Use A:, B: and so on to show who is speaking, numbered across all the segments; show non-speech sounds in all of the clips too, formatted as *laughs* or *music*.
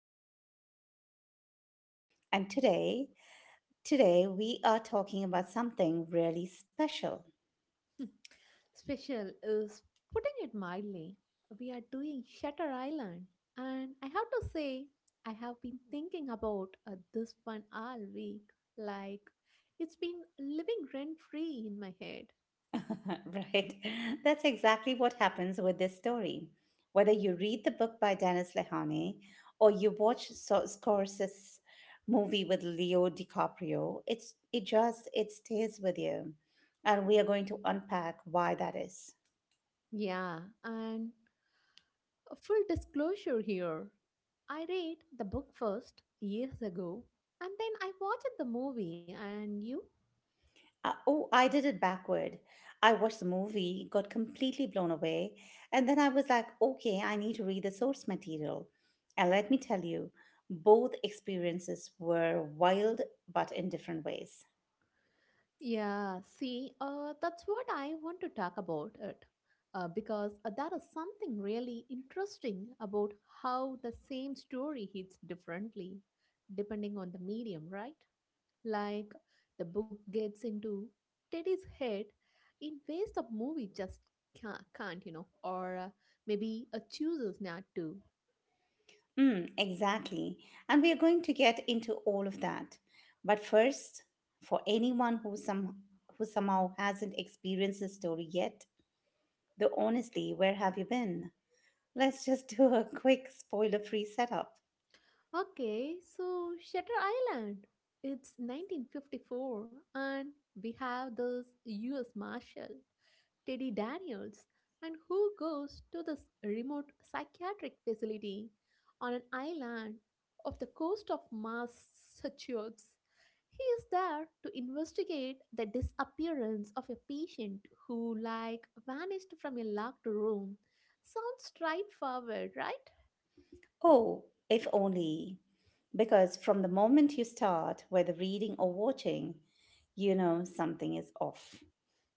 A: with your head. And today we are talking about something really special.
B: Hmm. Special is putting it mildly. We are doing Shutter Island, and I have to say, I have been thinking about this one all week. Like, it's been living rent free in my head.
A: *laughs* Right. That's exactly what happens with this story. Whether you read the book by Dennis Lehane or you watch Scorsese's movie with Leo DiCaprio, it's it just it stays with you. And we are going to unpack why that is.
B: Yeah, and a full disclosure here. I read the book first years ago and then I watched the movie. And you?
A: Oh, I did it backward. I watched the movie, got completely blown away, and then I was like, okay, I need to read the source material. And let me tell you, both experiences were wild but in different ways.
B: Yeah, see, that's what I want to talk about it. Because there is something really interesting about how the same story hits differently depending on the medium, right? Like, the book gets into Teddy's head in ways the movie just can't, you know, or maybe chooses not to.
A: Mm, exactly. And we are going to get into all of that. But first, for who somehow hasn't experienced the story yet, though honestly, where have you been? Let's just *laughs* do a quick spoiler free setup.
B: Okay, so Shutter Island. It's 1954, and we have this US Marshal, Teddy Daniels, and who goes to this remote psychiatric facility on an island off the coast of Massachusetts. He is there to investigate the disappearance of a patient who, like, vanished from a locked room. Sounds straightforward, right?
A: Oh, if only. Because from the moment you start, whether reading or watching, you know something is off.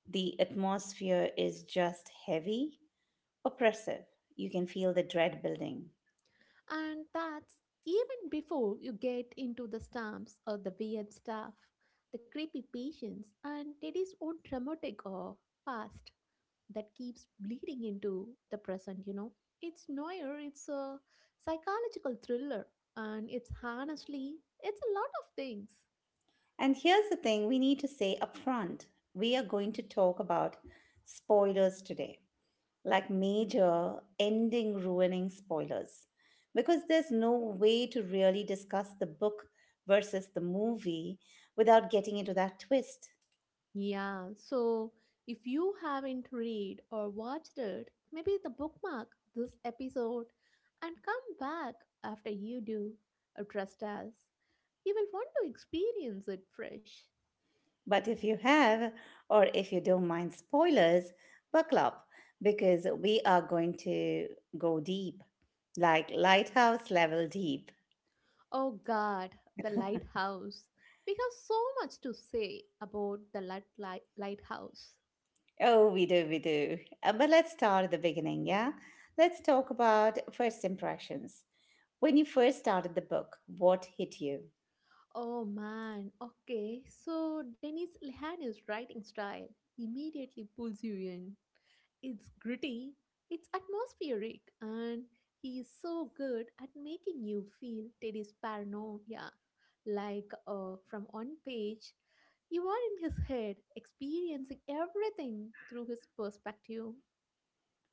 A: The atmosphere is just heavy, oppressive. You can feel the dread building.
B: And that's even before you get into the stamps or the weird stuff, the creepy patients, and Teddy's own traumatic or past that keeps bleeding into the present, you know. It's noir, it's a psychological thriller, and it's honestly, it's a lot of things.
A: And here's the thing we need to say up front, we are going to talk about spoilers today. Like major ending ruining spoilers, because there's no way to really discuss the book versus the movie without getting into that twist.
B: Yeah, so if you haven't read or watched it, maybe the bookmark this episode and come back after you do. Trust us, you will want to experience it fresh.
A: But if you have, or if you don't mind spoilers, buckle up because we are going to go deep, like lighthouse level deep.
B: Oh God, the lighthouse. We have so much to say about the lighthouse.
A: Oh, we do, we do. But let's start at the beginning, yeah? Let's talk about first impressions. When you first started the book, what hit you?
B: Oh man, okay. So Dennis Lehany's writing style immediately pulls you in. It's gritty, it's atmospheric, and he is so good at making you feel Teddy's paranoia. Like, from one page, you are in his head, experiencing everything through his perspective.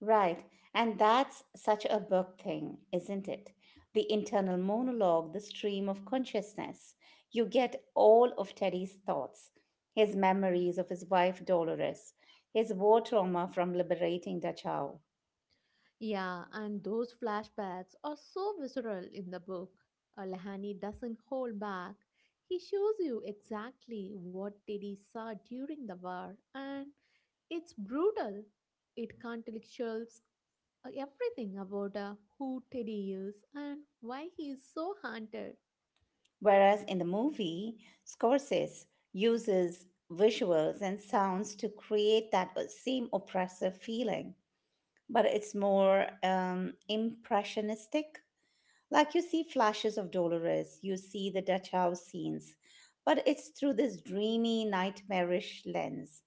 A: Right. And that's such a book thing, isn't it? The internal monologue, the stream of consciousness. You get all of Teddy's thoughts, his memories of his wife Dolores, his war trauma from liberating Dachau.
B: Yeah, and those flashbacks are so visceral in the book. Lahani doesn't hold back. He shows you exactly what Teddy saw during the war, and it's brutal. It contextualizes everything about who Teddy is and why he is so haunted.
A: Whereas in the movie, Scorsese uses visuals and sounds to create that same oppressive feeling, but it's more impressionistic. Like you see flashes of Dolores, you see the Dutch house scenes, but it's through this dreamy, nightmarish lens.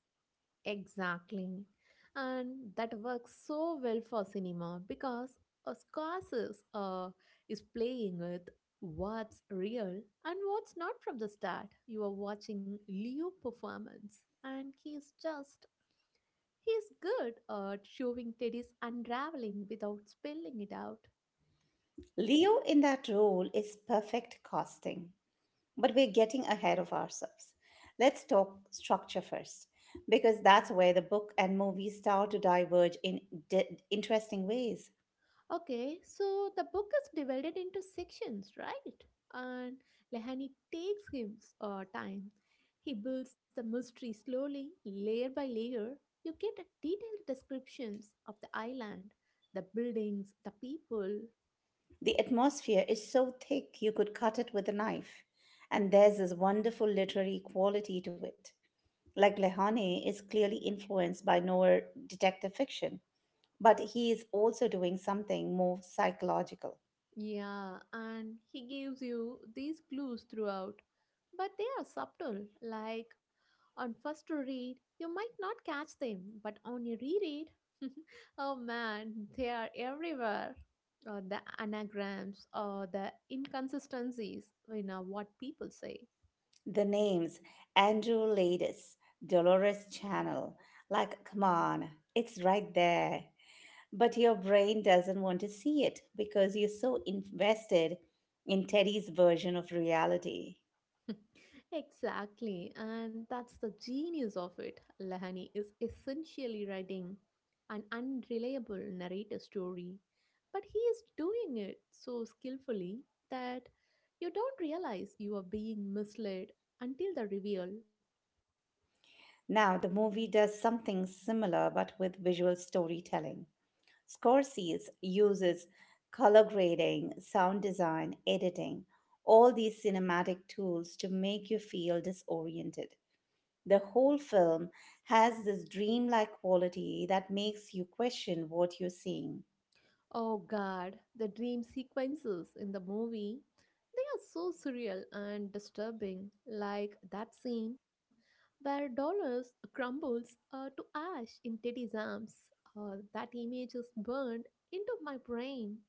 B: Exactly. And that works so well for cinema because a Scorsese is playing with what's real and what's not from the start. You are watching Leo performance and he's just he's good at showing Teddy's unraveling without spelling it out.
A: Leo in that role is perfect casting, but we're getting ahead of ourselves. Let's talk structure first, because that's where the book and movie start to diverge in interesting ways.
B: Okay, so the book is divided into sections, right? And Lehani takes him time. He builds the mystery slowly, layer by layer. You get a detailed descriptions of the island, the buildings, the people.
A: The atmosphere is so thick you could cut it with a knife, and there's this wonderful literary quality to it. Like Lehane is clearly influenced by noir detective fiction, but he is also doing something more psychological.
B: Yeah, and he gives you these clues throughout, but they are subtle. Like, on first read, you might not catch them, but on a reread, *laughs* oh man, they are everywhere. The anagrams or the inconsistencies in what people say.
A: The names Andrew Ladis, Dolores Channel, like come on, it's right there. But your brain doesn't want to see it because you're so invested in Teddy's version of reality.
B: *laughs* Exactly, and that's the genius of it. Lahani is essentially writing an unreliable narrator story, but he is doing it so skillfully that you don't realize you are being misled until the reveal.
A: Now, the movie does something similar but with visual storytelling. Scorsese uses color grading, sound design, editing, all these cinematic tools to make you feel disoriented. The whole film has this dreamlike quality that makes you question what you're seeing.
B: Oh god, the dream sequences in the movie, they are so surreal and disturbing, like that scene where Dollars crumbles to ash in Teddy's arms. That image is burned into my brain.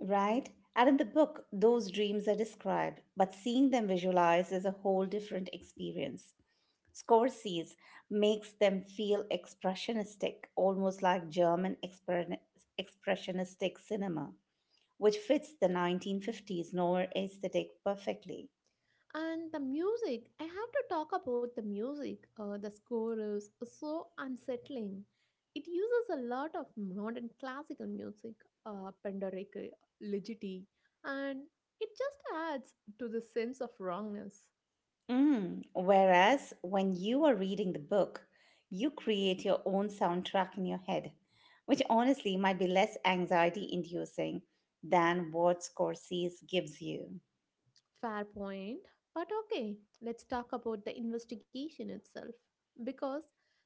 A: Right? And in the book, those dreams are described, but seeing them visualized is a whole different experience. Scorsese makes them feel expressionistic, almost like German expressionistic cinema, which fits the 1950s noir aesthetic perfectly.
B: And the music, I have to talk about the music. The score is so unsettling. It uses a lot of modern classical music, Penderecki, Ligeti, and it just adds to the sense of wrongness.
A: Mm. Whereas when you are reading the book, you create your own soundtrack in your head, which honestly might be less anxiety inducing than what Scorsese gives you.
B: Fair point. But okay, let's talk about the investigation itself, because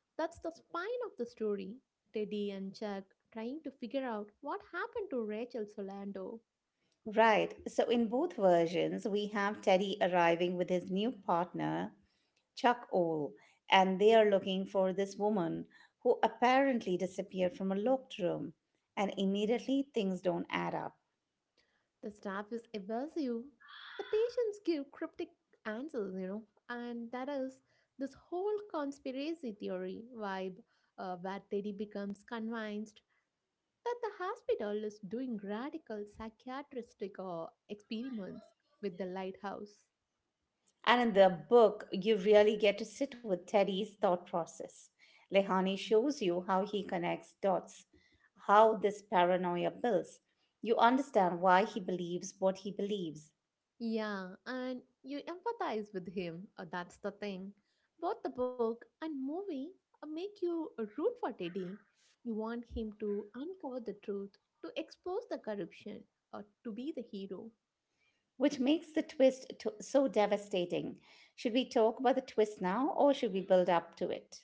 B: that's the spine of the story. Teddy and Chuck trying to figure out what happened to Rachel Solando.
A: Right, so in both versions, we have Teddy arriving with his new partner, Chuck Owl, and they are looking for this woman who apparently disappeared from a locked room, and immediately things don't add up.
B: The staff is evasive. The patients give cryptic answers, you know, and that is this whole conspiracy theory vibe where Teddy becomes convinced that the hospital is doing radical psychiatristic experiments with the lighthouse.
A: And in the book, you really get to sit with Teddy's thought process. Lehane shows you how he connects dots, how this paranoia builds. You understand why he believes what he believes,
B: Yeah, and you empathize with him. That's the thing. Both the book and movie make you root for Teddy. You want him to uncover the truth, to expose the corruption, or to be the hero.
A: which makes the so devastating. Should we talk about the twist now or should we build up to it?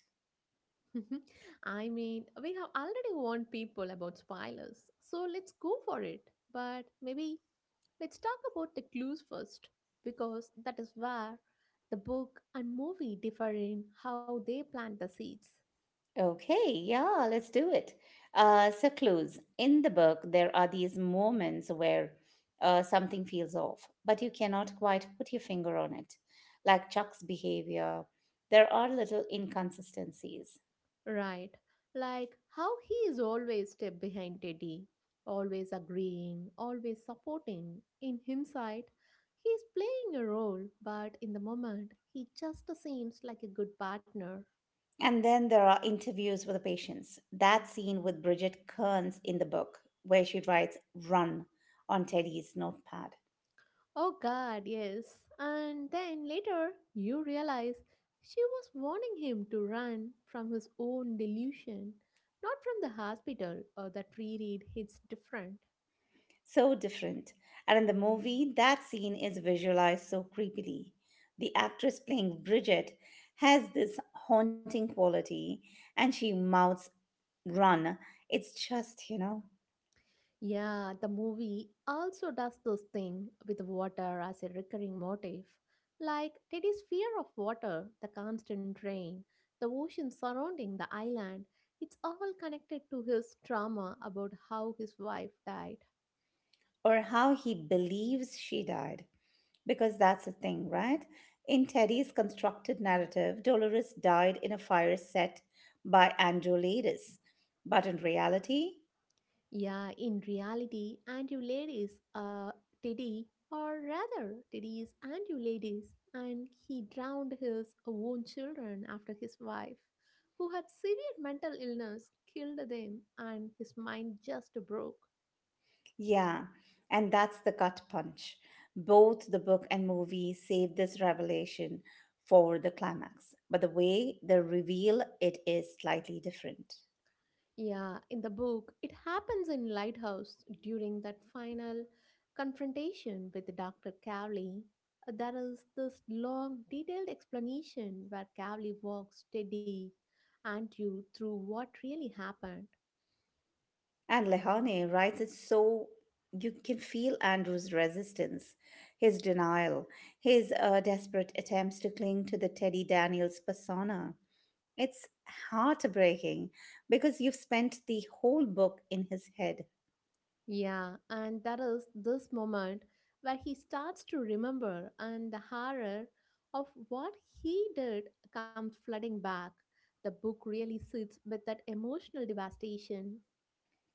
B: *laughs* I mean, we have already warned people about spoilers, so let's go for it. But maybe let's talk about the clues first, because that is where the book and movie differ in how they plant the seeds.
A: Okay, yeah, let's do it. So, clues. In the book, there are these moments where something feels off, but you cannot quite put your finger on it. Like Chuck's behavior, there are little inconsistencies.
B: Right. Like how he is always step behind Teddy, always agreeing, always supporting. In hindsight, he is playing a role, but in the moment, he just seems like a good partner.
A: And then there are interviews with the patients. That scene with Bridget Kearns in the book, where she writes "run" on Teddy's notepad.
B: Oh god, yes. And then later, you realize she was warning him to run from his own delusion, not from the hospital or that reread hits different.
A: So different. And in the movie, that scene is visualized so creepily. The actress playing Bridget has this haunting quality and she mouths, "run." It's just, you know.
B: Yeah, the movie also does this thing with water as a recurring motif. Like Teddy's fear of water, the constant rain, the ocean surrounding the island, it's all connected to his trauma about how his wife died.
A: Or how he believes she died. Because that's the thing, right? In Teddy's constructed narrative, Dolores died in a fire set by Andrew Ladis. But in reality,
B: Yeah, in reality, and you ladies Teddy, or rather, Teddy is and you ladies, and he drowned his own children after his wife, who had severe mental illness, killed them, and his mind just broke.
A: yeah, and that's the gut punch. Both the book and movie save this revelation for the climax, but the way they reveal it is slightly different.
B: Yeah, in the book, it happens in Lighthouse during that final confrontation with Dr. Cowley. There is this long, detailed explanation where Cowley walks steady and you through what really happened.
A: And Lehane writes it so you can feel Andrew's resistance, his denial, his desperate attempts to cling to the Teddy Daniels persona. It's heartbreaking because you've spent the whole book in his head.
B: Yeah, and that is this moment where he starts to remember, and the horror of what he did comes flooding back. The book really sits with that emotional devastation.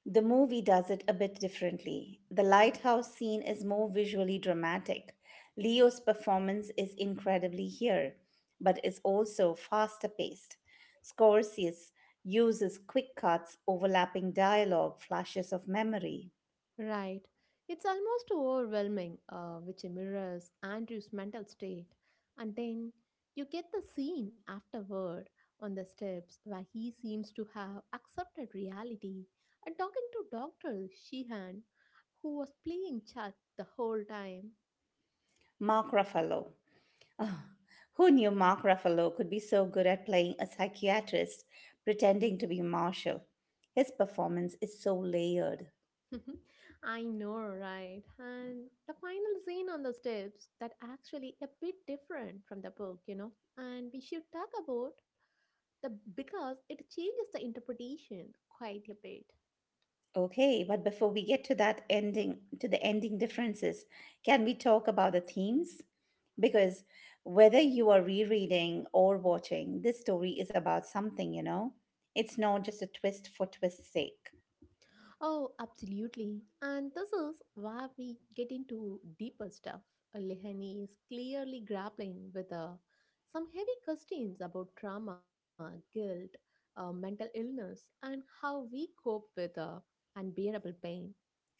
A: The movie does it a bit differently. The lighthouse scene is more visually dramatic. Leo's performance is incredibly here, but is also faster paced. Scorsese uses quick cuts, overlapping dialogue, flashes of memory.
B: Right. It's almost overwhelming, which mirrors Andrew's mental state. And then you get the scene afterward on the steps where he seems to have accepted reality and talking to Dr. Sheehan, who was playing Chuck the whole time.
A: Mark Ruffalo. Who knew Mark Ruffalo could be so good at playing a psychiatrist pretending to be Marshall? His performance is so layered.
B: *laughs* I know, right? And the final scene on the steps that actually a bit different from the book, you know. And we should talk about the because it changes the interpretation quite a bit.
A: Okay, but before we get to that ending, to the ending differences, can we talk about the themes? Because whether you are rereading or watching, this story is about something, you know? It's not just a twist for twist's sake.
B: Oh, absolutely. And this is where we get into deeper stuff. Lehani is clearly grappling with some heavy questions about trauma, guilt, mental illness, and how we cope with unbearable pain.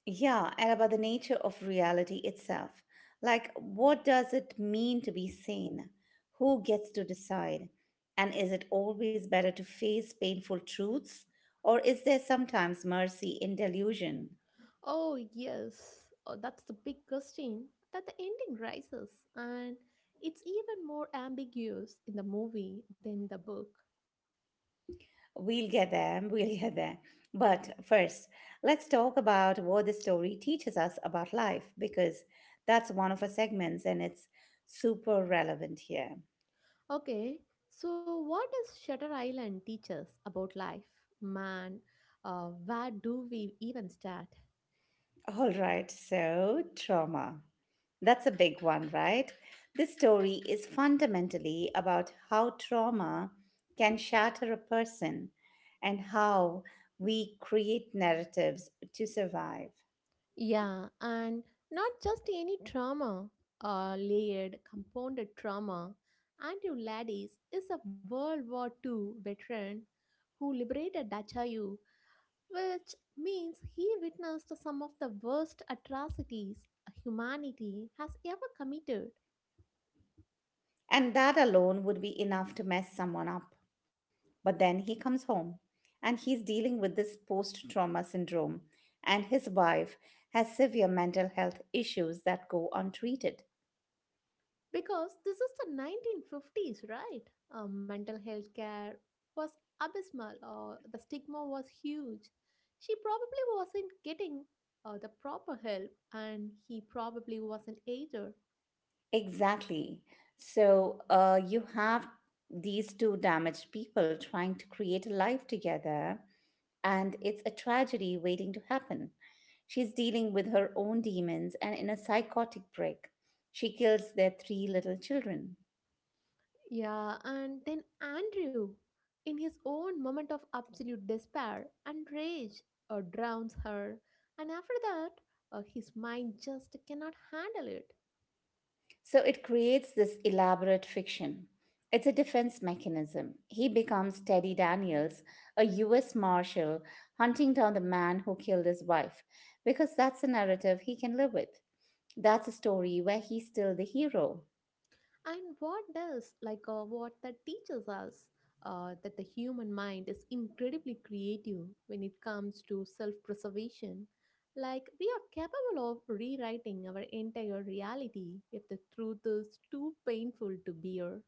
A: Yeah, and about the nature of reality itself. Like, what does it mean to be sane? Who gets to decide? And is it always better to face painful truths? Or is there sometimes mercy in delusion?
B: Oh, yes, oh, that's the big question that the ending raises, and it's even more ambiguous in the movie than the book.
A: We'll get there. We'll get there. But first, let's talk about what the story teaches us about life because that's one of our segments and it's super relevant here.
B: Okay, so what does Shutter Island teach us about life? Man, where do we even start?
A: All right, so trauma. That's a big one, right? This story is fundamentally about how trauma can shatter a person and how we create narratives to survive.
B: Yeah, and not just any trauma, layered, compounded trauma. Andrew Laddies is a World War Two veteran who liberated Dachau which means he witnessed some of the worst atrocities humanity has ever committed.
A: And that alone would be enough to mess someone up. But then he comes home and he's dealing with this post trauma syndrome, and his wife has severe mental health issues that go untreated.
B: Because this is the 1950s, right? Mental health care was abysmal, the stigma was huge. She probably wasn't getting the proper help, and he probably wasn't either.
A: Exactly. So you have these two damaged people trying to create a life together, and it's a tragedy waiting to happen. She's dealing with her own demons and in a psychotic break, she kills their three little children.
B: Yeah, and then Andrew, in his own moment of absolute despair and rage, drowns her, and after that, his mind just cannot handle it.
A: So it creates this elaborate fiction. It's a defense mechanism. He becomes Teddy Daniels, a US Marshal, hunting down the man who killed his wife, because that's a narrative he can live with. That's a story where he's still the hero.
B: And what does, like what that teaches us, that the human mind is incredibly creative when it comes to self preservation. Like, we are capable of rewriting our entire reality if the truth is too painful to bear.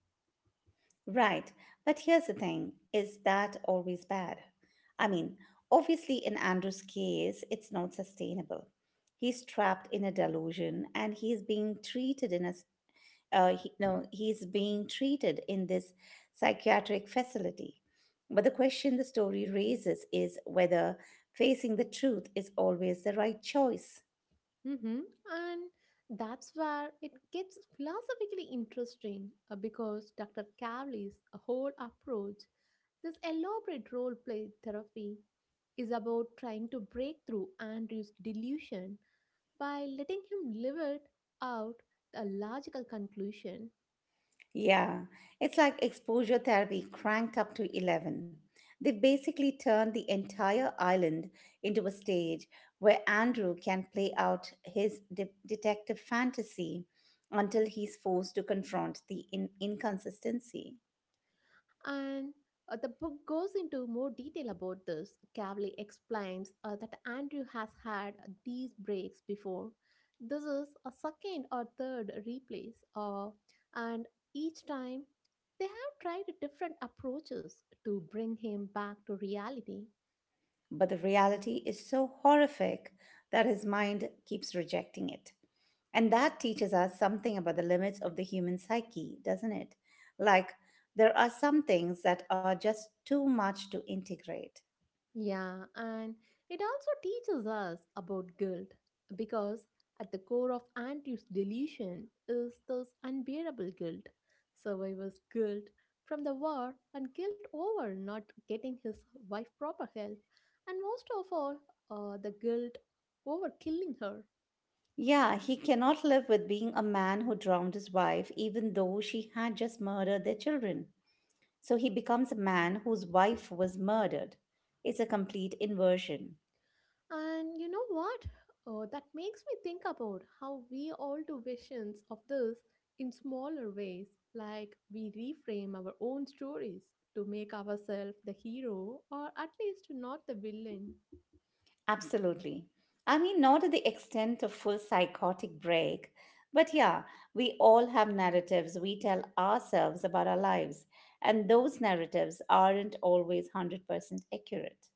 A: Right, but here's the thing: is that always bad? I mean, obviously, in Andrew's case, it's not sustainable. He's trapped in a delusion and he's being treated in a he, no, he's being treated in this psychiatric facility. But the question the story raises is whether facing the truth is always the right choice.
B: Mm-hmm. And that's where it gets philosophically interesting because Dr. Cowley's whole approach, this elaborate role play therapy, is about trying to break through Andrew's delusion by letting him live it out a logical conclusion.
A: Yeah, it's like exposure therapy cranked up to 11. They basically turned the entire island into a stage where Andrew can play out his detective fantasy until he's forced to confront the inconsistency.
B: And the book goes into more detail about this. Cavley explains that Andrew has had these breaks before. This is a second or third replace, and each time they have tried different approaches to bring him back to reality.
A: But the reality is so horrific that his mind keeps rejecting it. And that teaches us something about the limits of the human psyche, doesn't it? Like, there are some things that are just too much to integrate.
B: Yeah, and it also teaches us about guilt because at the core of Andrew's delusion is this unbearable guilt, survivor's guilt from the war and guilt over not getting his wife proper help, and most of all, the guilt over killing her.
A: Yeah, he cannot live with being a man who drowned his wife, even though she had just murdered their children. So he becomes a man whose wife was murdered. It's a complete inversion.
B: And you know what? That makes me think about how we all do visions of this in smaller ways, like we reframe our own stories to make ourselves the hero or at least not the villain.
A: Absolutely. I mean, not to the extent of full psychotic break, but yeah, we all have narratives we tell ourselves about our lives, and those narratives aren't always 100% accurate.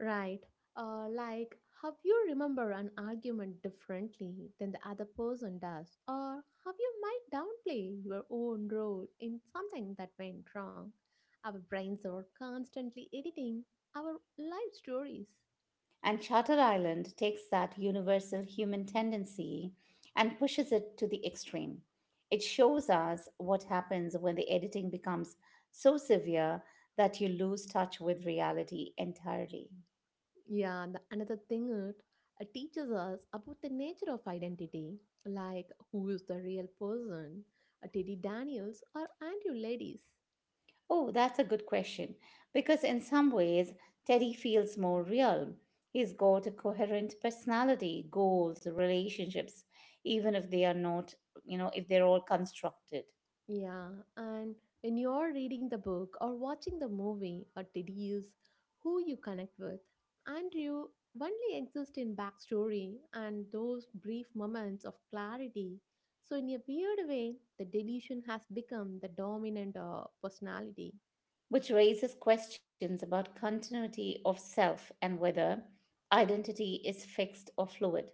B: Right. Like how you remember an argument differently than the other person does, or how you might downplay your own role in something that went wrong. Our brains are constantly editing our life stories.
A: And Shutter Island takes that universal human tendency and pushes it to the extreme. It shows us what happens when the editing becomes so severe that you lose touch with reality entirely.
B: Yeah, the another thing it teaches us about the nature of identity, like who is the real person, Teddy Daniels or Andrew Ladies.
A: Oh, that's a good question. Because in some ways, Teddy feels more real. He's got a coherent personality, goals, relationships, even if they are not, you know, if they're all constructed,
B: Yeah, and when you're reading the book or watching the movie, or Teddy is who you connect with. Andrew only exists in backstory and those brief moments of clarity. So, in a weird way, the delusion has become the dominant personality.
A: which raises questions about continuity of self and whether identity is fixed or fluid.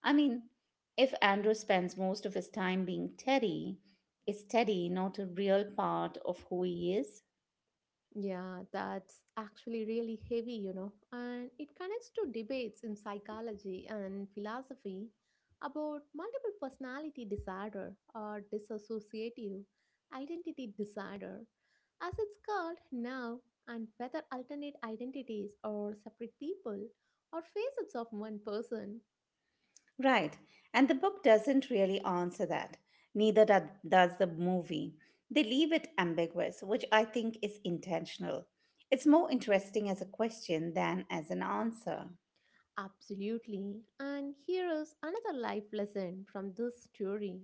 A: I mean, if Andrew spends most of his time being Teddy, is Teddy not a real part of who he is?
B: Yeah, that's actually really heavy, you know, and it connects to debates in psychology and philosophy about multiple personality disorder or dissociative identity disorder, as it's called now, and whether alternate identities or separate people or facets of one person.
A: Right. And the book doesn't really answer that. Neither does the movie. They leave it ambiguous, which I think is intentional. It's more interesting as a question than as an answer.
B: Absolutely. And here is another life lesson from this story.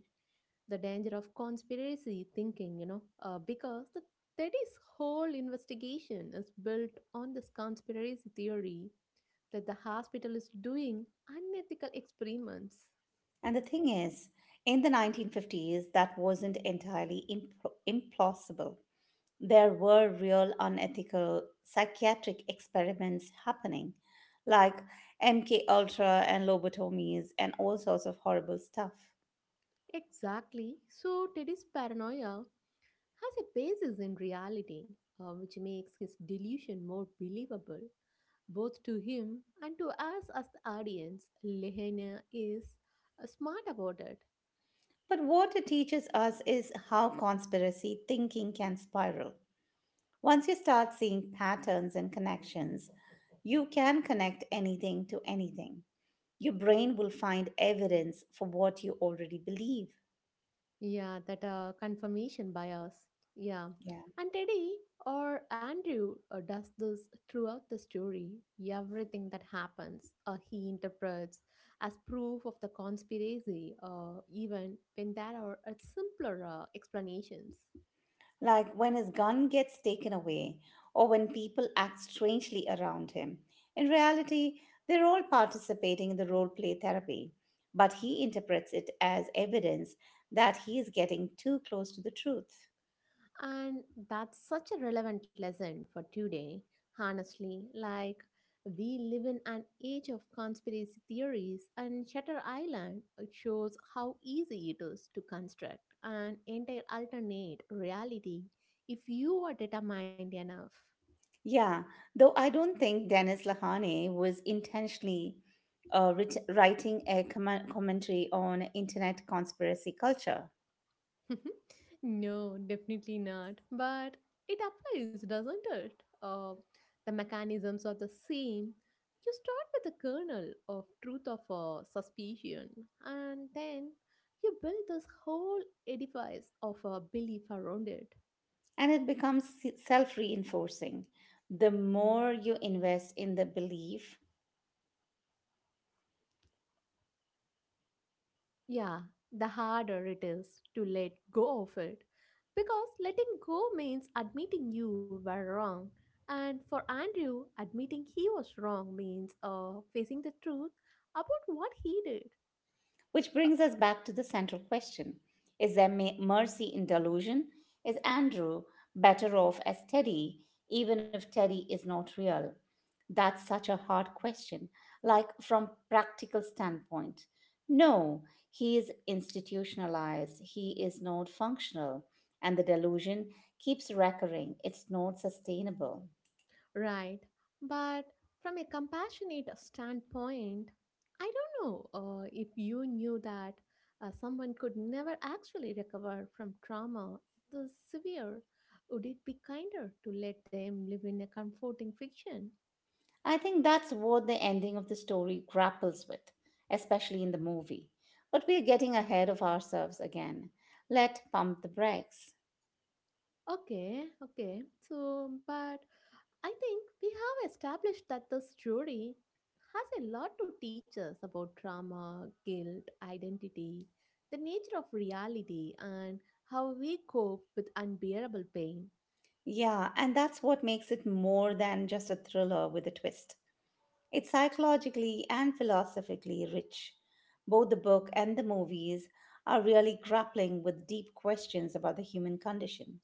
B: The danger of conspiracy thinking, because the Teddy's whole investigation is built on this conspiracy theory that the hospital is doing unethical experiments.
A: And the thing is, in the 1950s, that wasn't entirely implausible. There were real unethical psychiatric experiments happening, like MK Ultra and lobotomies and all sorts of horrible stuff.
B: Exactly. So Teddy's paranoia has a basis in reality, which makes his delusion more believable both to him and to us as the audience. Lehena is smart about it.
A: But what it teaches us is how conspiracy thinking can spiral. Once you start seeing patterns and connections, you can connect anything to anything. Your brain will find evidence for what you already believe.
B: Yeah, that confirmation bias. Yeah.
A: Yeah.
B: And Teddy or Andrew does this throughout the story. Everything that happens, he interprets as proof of the conspiracy, even when there are simpler explanations.
A: Like when his gun gets taken away or when people act strangely around him. In reality, they're all participating in the role play therapy, but he interprets it as evidence that he is getting too close to the truth.
B: And that's such a relevant lesson for today. Honestly, like we live in an age of conspiracy theories, and Shutter Island, it shows how easy it is to construct an entire alternate reality if you are determined enough.
A: Yeah, though I don't think Dennis Lahane was intentionally writing a commentary on internet conspiracy culture.
B: *laughs* No, definitely not. But it applies, doesn't it? The mechanisms are the same. You start with a kernel of truth of a suspicion, and then you build this whole edifice of a belief around it.
A: And it becomes self reinforcing. The more you invest in the belief.
B: Yeah, the harder it is to let go of it. Because letting go means admitting you were wrong. And for Andrew, admitting he was wrong means facing the truth about what he did.
A: Which brings us back to the central question. Is there mercy in delusion? Is Andrew better off as Teddy, even if Teddy is not real? That's such a hard question, like from practical standpoint. No, he is institutionalized, he is not functional, and the delusion keeps recurring. It's not sustainable.
B: Right. But from a compassionate standpoint, I don't know if you knew that someone could never actually recover from trauma this severe. Would it be kinder to let them live in a comforting fiction?
A: I think that's what the ending of the story grapples with, especially in the movie. But we're getting ahead of ourselves again. Let pump the brakes.
B: Okay, okay. So, but I think we have established that the story has a lot to teach us about trauma, guilt, identity, the nature of reality, and how we cope with unbearable pain.
A: Yeah, and that's what makes it more than just a thriller with a twist. It's psychologically and philosophically rich. Both the book and the movies are really grappling with deep questions about the human condition.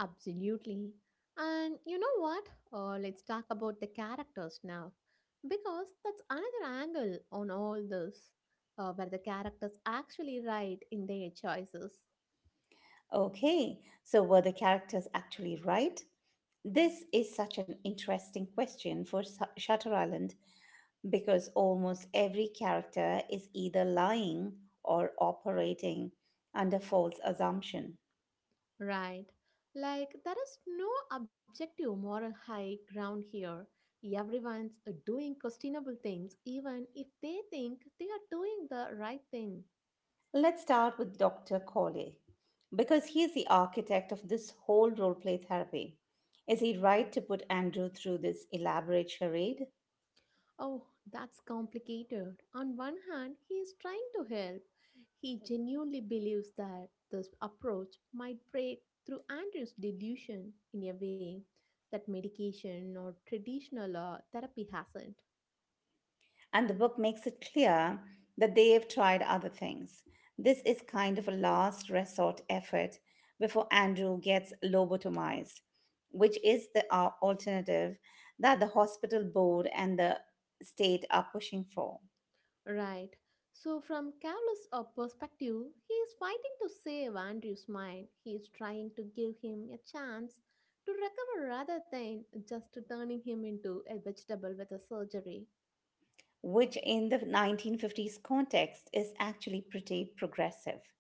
B: Absolutely. And you know what? Let's talk about the characters now, because that's another angle on all this, where the characters actually write in their choices.
A: Okay, so were the characters actually right? This is such an interesting question for Shutter Island because almost every character is either lying or operating under false assumption.
B: Right. Like, there is no objective moral high ground here. Everyone's doing questionable things, even if they think they are doing the right thing.
A: Let's start with Dr. Corley, because he is the architect of this whole role play therapy. Is he right to put Andrew through this elaborate charade?
B: Oh, that's complicated. On one hand, he is trying to help. He genuinely believes that this approach might break through Andrew's delusion in a way that medication or traditional therapy hasn't.
A: And the book makes it clear that they've tried other things. This is kind of a last resort effort before Andrew gets lobotomized, which is the alternative that the hospital board and the state are pushing for.
B: Right. So, from Cavill's perspective, he is fighting to save Andrew's mind. He is trying to give him a chance to recover rather than just turning him into a vegetable with a surgery.
A: Which in the 1950s context is actually pretty progressive.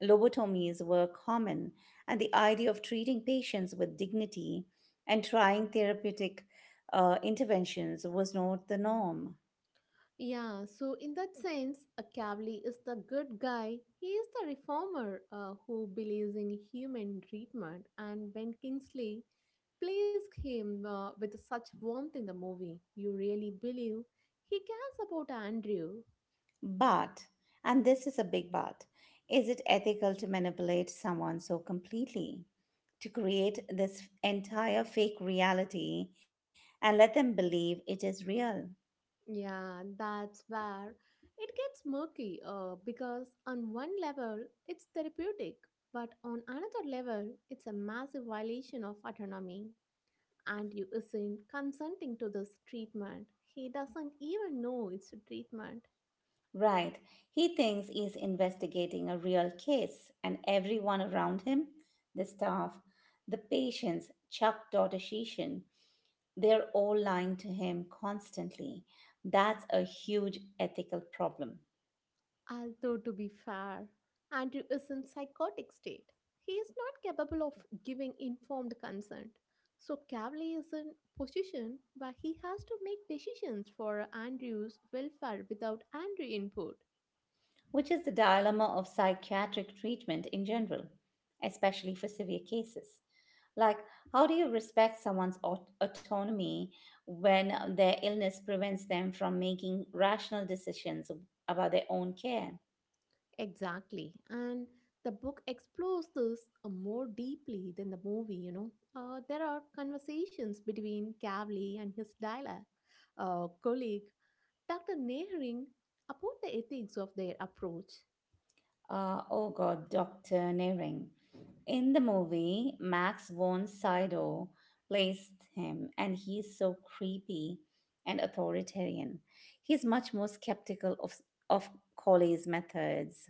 A: Lobotomies were common, and the idea of treating patients with dignity and trying therapeutic interventions was not the norm.
B: Yeah, so in that sense, a Cavali is the good guy. He is the reformer who believes in human treatment, and Ben Kingsley plays him with such warmth in the movie. You really believe he cares about Andrew.
A: But, and this is a big but, is it ethical to manipulate someone so completely? To create this entire fake reality and let them believe it is real?
B: Yeah, that's where it gets murky because on one level it's therapeutic, but on another level it's a massive violation of autonomy. And you isn't consenting to this treatment. He doesn't even know it's a treatment.
A: Right. He thinks he's investigating a real case, and everyone around him, the staff, the patients, Chuck Doroshishin, they're all lying to him constantly. That's a huge ethical problem,
B: Although, to be fair, Andrew is in psychotic state. He is not capable of giving informed consent. So Cavley is in position where he has to make decisions for Andrew's welfare without Andrew input.
A: which is the dilemma of psychiatric treatment in general, especially for severe cases. Like, how do you respect someone's autonomy when their illness prevents them from making rational decisions about their own care?
B: Exactly. And the book explores this more deeply than the movie, you know. There are conversations between Cavley and his dialect colleague, Dr. Nehring, about the ethics of their approach.
A: Oh God, Dr. Nearing. In the movie, Max von Sydow plays him, and he's so creepy and authoritarian. He's much more skeptical of Colley's methods.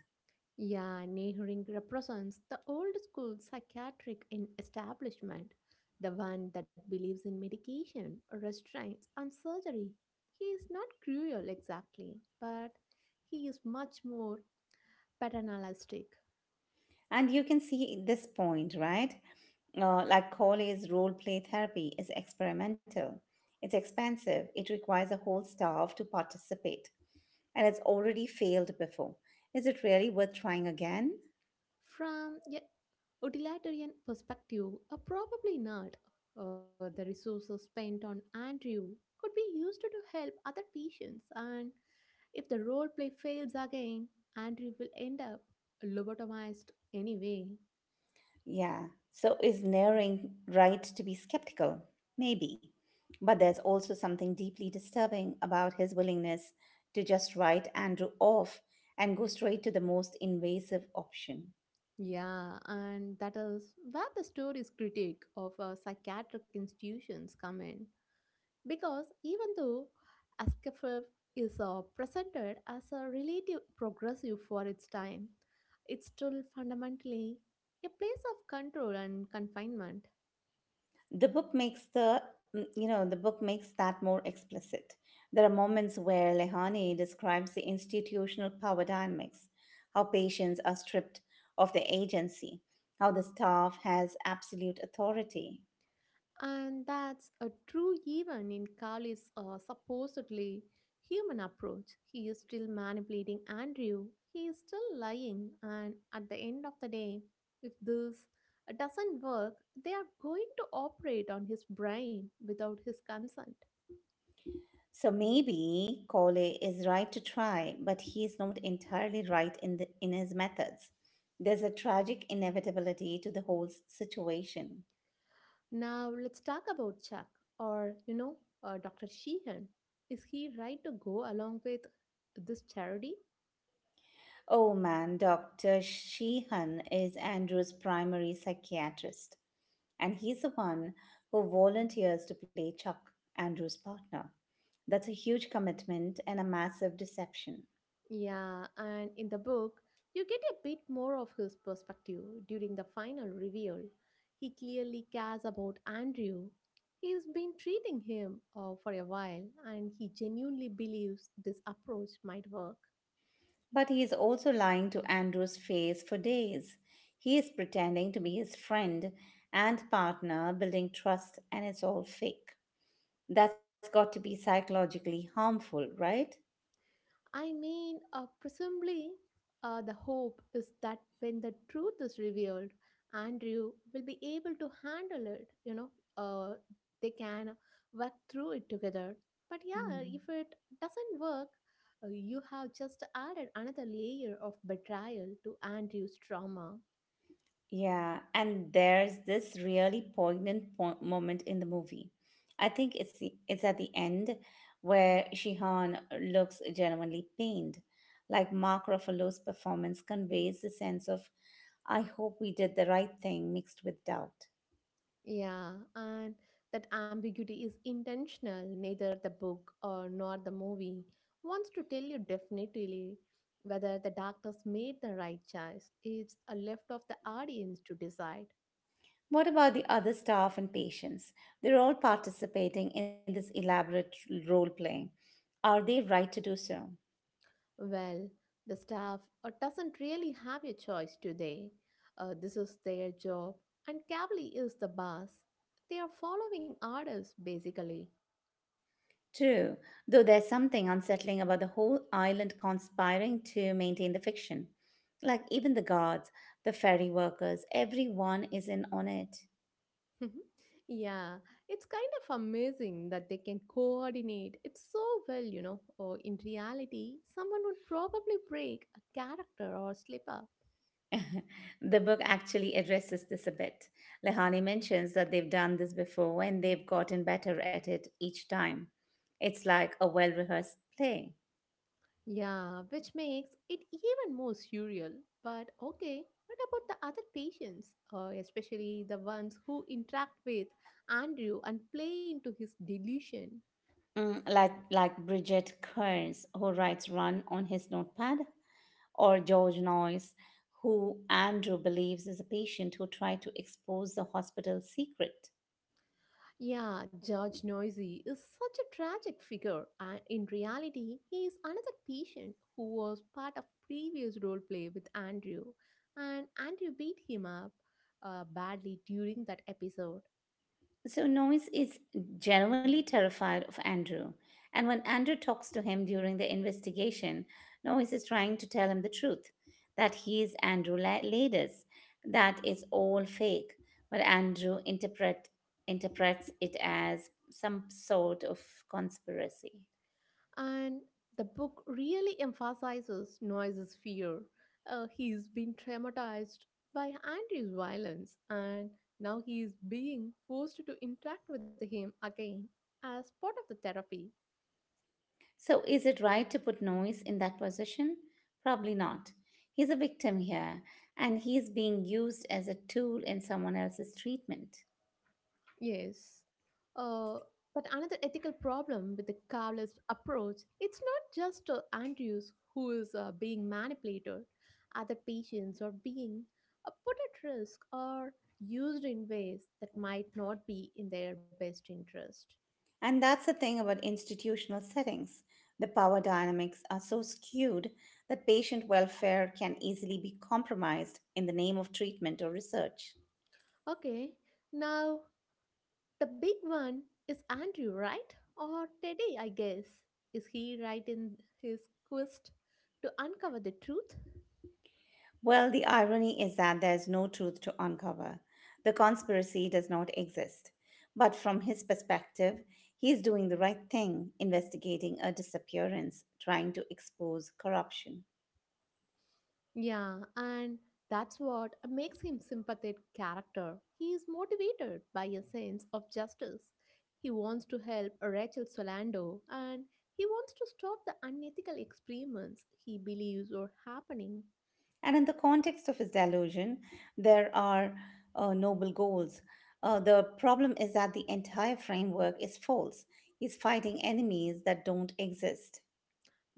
B: Yeah, Nehring represents the old school psychiatric in establishment, the one that believes in medication, restraints, and surgery. He is not cruel exactly, but he is much more paternalistic.
A: And you can see this point, right? Like Colley's role play therapy is experimental, it's expensive, it requires a whole staff to participate, and it's already failed before. Is it really worth trying again?
B: From a utilitarian perspective, a probably not. The resources spent on Andrew could be used to help other patients and if the role play fails again, Andrew will end up lobotomized anyway.
A: Yeah. So is Naring right to be skeptical? Maybe. But there's also something deeply disturbing about his willingness to just write Andrew off and go straight to the most invasive option.
B: Yeah, and that is where the story's critique of psychiatric institutions come in. Because even though ASCFF is presented as a relative progressive for its time, it's still fundamentally a place of control and confinement.
A: The book makes the the book makes that more explicit. There are moments where Lehane describes the institutional power dynamics, how patients are stripped of their agency, how the staff has absolute authority.
B: And that's a true even in Carly's supposedly human approach. He is still manipulating Andrew. He is still lying. And at the end of the day, if this doesn't work, they are going to operate on his brain without his consent.
A: So maybe Cole is right to try, but he is not entirely right in his methods. There's a tragic inevitability to the whole situation.
B: Now, let's talk about Chuck or, you know, Dr. Sheehan. Is he right to go along with this charity?
A: Oh man, Dr. Sheehan is Andrew's primary psychiatrist, and he's the one who volunteers to play Chuck, Andrew's partner. That's a huge commitment and a massive deception.
B: Yeah, and in the book, you get a bit more of his perspective during the final reveal. He clearly cares about Andrew. He's been treating him for a while, and he genuinely believes this approach might work.
A: But he is also lying to Andrew's face for days. He is pretending to be his friend and partner, building trust, and it's all fake. That's got to be psychologically harmful, right?
B: I mean, presumably, the hope is that when the truth is revealed, Andrew will be able to handle it. You know, they can work through it together. But yeah, if
A: Hmm.
B: it doesn't work, you have just added another layer of betrayal to Andrew's trauma.
A: Yeah, and there's this really moment in the movie. I think it's at the end where Shihan looks genuinely pained. Like Mark Ruffalo's performance conveys the sense of, I hope we did the right thing mixed with doubt.
B: Yeah, and that ambiguity is intentional. Neither the book or nor the movie wants to tell you definitely whether the doctors made the right choice. It's a left of the audience to decide.
A: What about the other staff and patients? They're all participating in this elaborate role playing. Are they right to do so?
B: Well, the staff doesn't really have a choice today. This is their job, and Cavali is the boss. They are following orders basically.
A: True, though there's something unsettling about the whole island conspiring to maintain the fiction. Like even the guards, the ferry workers, everyone is in on it.
B: *laughs* Yeah, it's kind of amazing that they can coordinate it so well, you know. Or in reality, someone would probably break a character or slip up.
A: *laughs* The book actually addresses this a bit. Lehani mentions that they've done this before and they've gotten better at it each time. It's like a well rehearsed play.
B: Yeah, which makes it even more surreal. But okay, what about the other patients, especially the ones who interact with Andrew and play into his delusion?
A: Mm, like Bridget Kearns, who writes Run on his notepad, or George Noyes, who Andrew believes is a patient who tried to expose the hospital secret.
B: Yeah, George Noisy is such a tragic figure, and in reality, he is another patient who was part of previous role play with Andrew, and Andrew beat him up badly during that episode.
A: So Noyes is genuinely terrified of Andrew, and when Andrew talks to him during the investigation, Noyes is trying to tell him the truth, that he is Andrew Ladis, that it's all fake. But Andrew interprets it as some sort of conspiracy.
B: And the book really emphasizes Noisy's fear. He's been traumatized by Andrew's violence, and now he is being forced to interact with him again as part of the therapy.
A: So is it right to put Noyes in that position? Probably not. He's a victim here, and he's being used as a tool in someone else's treatment.
B: Yes. Uh, but another ethical problem with the Carlist approach, it's not just Andrews who is being manipulated. Other patients are being put at risk or used in ways that might not be in their best interest.
A: And that's the thing about institutional settings. The power dynamics are so skewed that patient welfare can easily be compromised in the name of treatment or research.
B: Okay, now the big one is Andrew, right? Or Teddy, I guess. Is he right in his quest to uncover the truth?
A: Well, the irony is that there's no truth to uncover. The conspiracy does not exist. But from his perspective, he is doing the right thing, investigating a disappearance, trying to expose corruption.
B: Yeah, and that's what makes him sympathetic character. He is motivated by a sense of justice. He wants to help Rachel Solando and he wants to stop the unethical experiments he believes are happening.
A: And in the context of his delusion, there are noble goals. The problem is that the entire framework is false. He's fighting enemies that don't exist.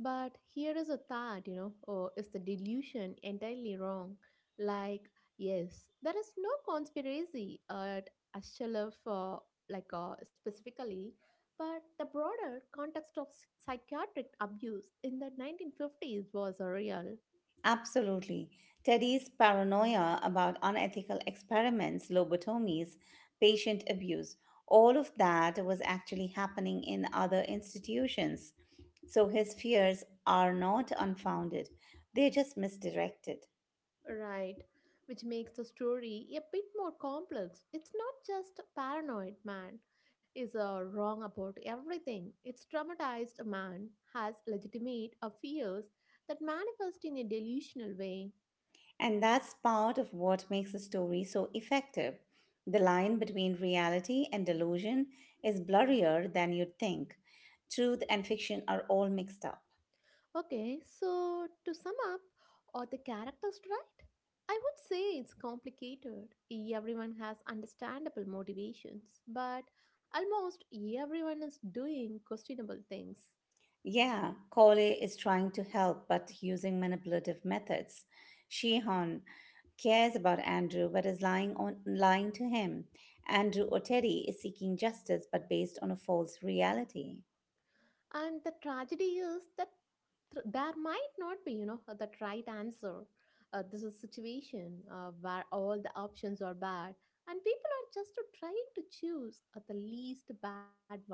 B: But here is a thought, you know, or is the delusion entirely wrong? Like, yes, there is no conspiracy at Ashchalaf, specifically, but the broader context of psychiatric abuse in the 1950s was real.
A: Absolutely. Teddy's paranoia about unethical experiments, lobotomies, patient abuse, all of that was actually happening in other institutions. So his fears are not unfounded, they're just misdirected.
B: Right, which makes the story a bit more complex. It's not just a paranoid man is wrong about everything. It's traumatized man has legitimate fears that manifest in a delusional way.
A: And that's part of what makes a story so effective. The line between reality and delusion is blurrier than you'd think. Truth and fiction are all mixed up.
B: Okay, so to sum up, are the characters right? I would say it's complicated. Everyone has understandable motivations, but almost everyone is doing questionable things.
A: Yeah, Corley is trying to help but using manipulative methods. Sheehan cares about Andrew but is lying on lying to him. Andrew Oteri is seeking justice but based on a false reality.
B: And the tragedy is that there might not be, you know, that right answer. This is a situation where all the options are bad, and people are just trying to choose the least bad one.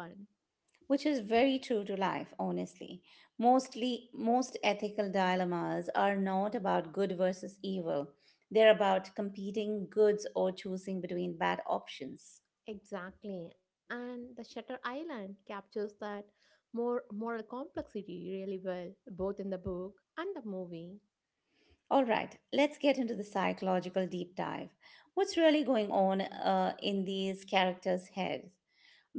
A: Which is very true to life, honestly. Mostly, most ethical dilemmas are not about good versus evil, they're about competing goods or choosing between bad options.
B: Exactly, and the Shutter Island captures that more moral complexity really well, both in the book and the movie.
A: All right, let's get into the psychological deep dive. What's really going on in these characters heads,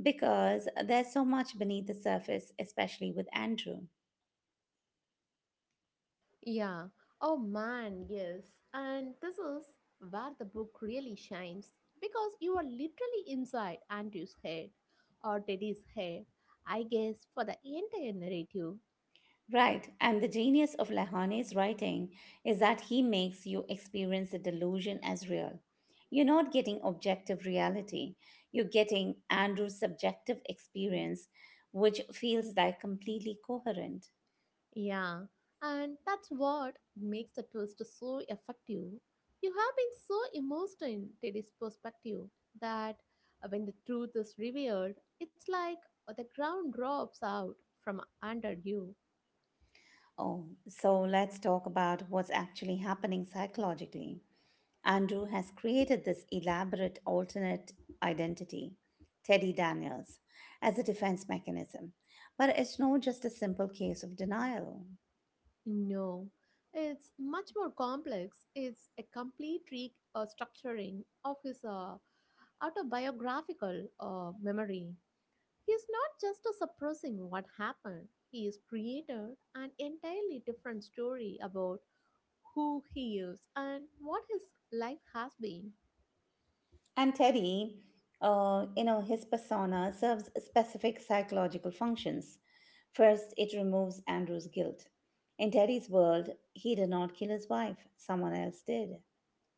A: because there's so much beneath the surface, especially with Andrew.
B: Yeah. Oh man, yes. And this is where the book really shines because you are literally inside Andrew's head or Teddy's head, I guess, for the entire narrative.
A: Right, and the genius of Lahane's writing is that he makes you experience the delusion as real. You're not getting objective reality, you're getting Andrew's subjective experience, which feels like completely coherent.
B: Yeah. And that's what makes the twist so effective. You have been so immersed in Teddy's perspective that when the truth is revealed, it's like the ground drops out from under you.
A: Oh, so let's talk about what's actually happening psychologically. Andrew has created this elaborate alternate identity, Teddy Daniels, as a defense mechanism, but it's not just a simple case of denial.
B: No, it's much more complex. It's a complete structuring of his autobiographical memory. He's not just suppressing what happened, he has created an entirely different story about who he is and what his life has been.
A: And Teddy, his persona serves specific psychological functions. First, it removes Andrew's guilt. In Teddy's world, he did not kill his wife, someone else did,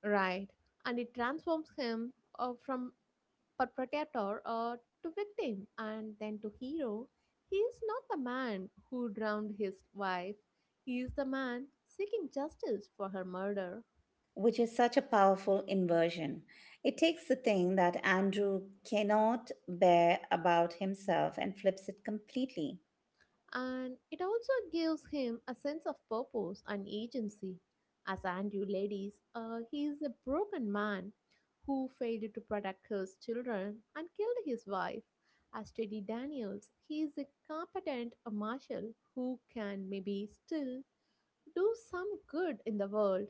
B: Right, and it transforms him from but protector or to victim and then to hero. He is not the man who drowned his wife, he is the man seeking justice for her murder.
A: which is such a powerful inversion. It takes the thing that Andrew cannot bear about himself and flips it completely.
B: And it also gives him a sense of purpose and agency. As Andrew ladies, he is a broken man who failed to protect his children and killed his wife. As Teddy Daniels, he is a competent marshal who can maybe still do some good in the world.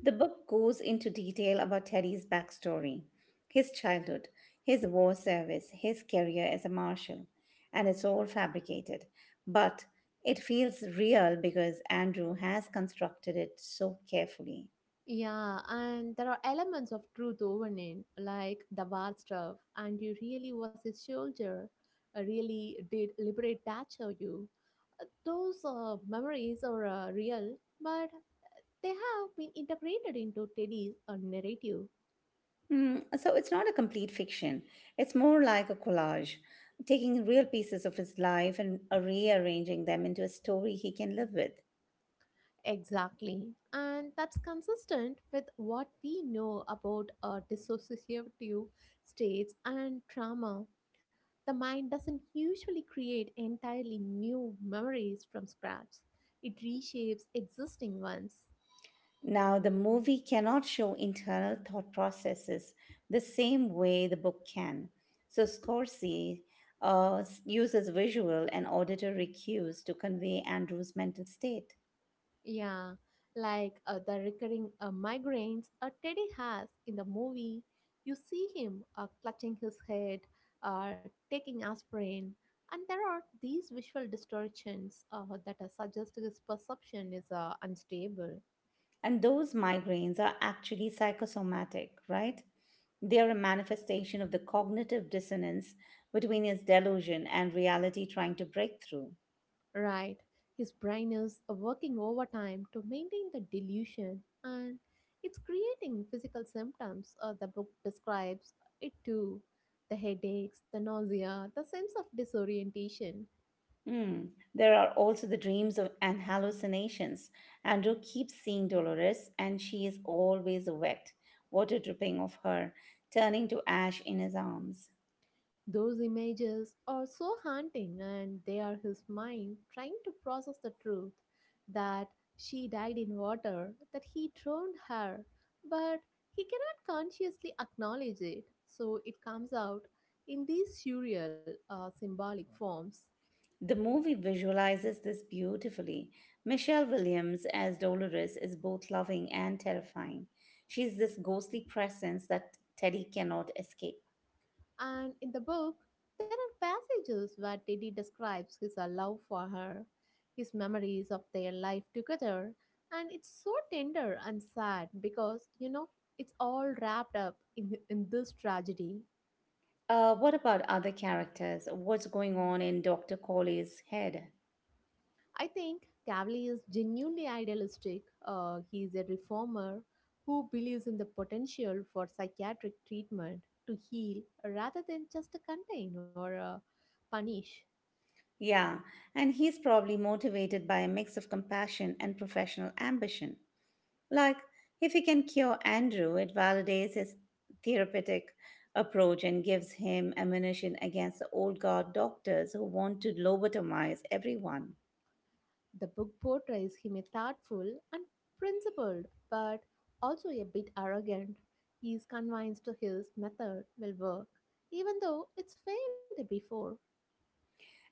A: The book goes into detail about Teddy's backstory, his childhood, his war service, his career as a marshal, and it's all fabricated. But it feels real because Andrew has constructed it so carefully.
B: Yeah, and there are elements of truth woven in, like the war stuff, and you really was a soldier, really did liberate Thatcher you. Those memories are real, but they have been integrated into Teddy's narrative.
A: Mm, so it's not a complete fiction, it's more like a collage, taking real pieces of his life and rearranging them into a story he can live with.
B: Exactly, and that's consistent with what we know about dissociative states and trauma. The mind doesn't usually create entirely new memories from scratch, it reshapes existing ones.
A: Now, the movie cannot show internal thought processes the same way the book can. So, Scorsese uh, uses visual and auditory cues to convey Andrew's mental state.
B: Yeah, like the recurring migraines Teddy has in the movie. You see him clutching his head or taking aspirin. And there are these visual distortions that suggest his perception is unstable.
A: And those migraines are actually psychosomatic, right? They are a manifestation of the cognitive dissonance between his delusion and reality trying to break through.
B: Right. His brain is working overtime to maintain the delusion and it's creating physical symptoms. The book describes it too, the headaches, the nausea, the sense of disorientation.
A: Mm. There are also the dreams and hallucinations. Andrew keeps seeing Dolores, and she is always wet, water dripping off her, turning to ash in his arms.
B: Those images are so haunting, and they are his mind trying to process the truth that she died in water, that he drowned her, but he cannot consciously acknowledge it. So it comes out in these surreal, symbolic forms.
A: The movie visualizes this beautifully. Michelle Williams as Dolores is both loving and terrifying. She's this ghostly presence that Teddy cannot escape.
B: And in the book, there are passages where Teddy describes his love for her, his memories of their life together, and it's so tender and sad because, you know, it's all wrapped up in this tragedy.
A: What about other characters? What's going on in Dr. Colley's head?
B: I think Cavali is genuinely idealistic. He is a reformer who believes in the potential for psychiatric treatment to heal rather than just to contain or punish.
A: Yeah, and he's probably motivated by a mix of compassion and professional ambition. Like, if he can cure Andrew, it validates his therapeutic approach and gives him ammunition against the old guard doctors who want to lobotomize everyone.
B: The book portrays him as thoughtful and principled, but also a bit arrogant. He is convinced his method will work, even though it's failed before.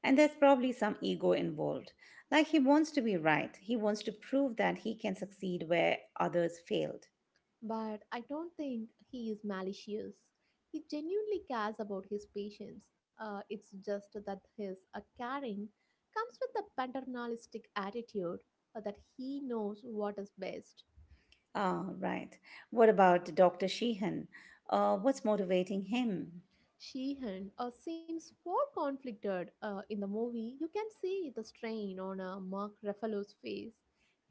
A: And there's probably some ego involved. Like, he wants to be right, he wants to prove that he can succeed where others failed.
B: But I don't think he is malicious. He genuinely cares about his patients. It's just that his caring comes with a paternalistic attitude that he knows what is best.
A: Ah, right. What about Dr. Sheehan? What's motivating him?
B: Sheehan seems more conflicted in the movie. You can see the strain on Mark Ruffalo's face.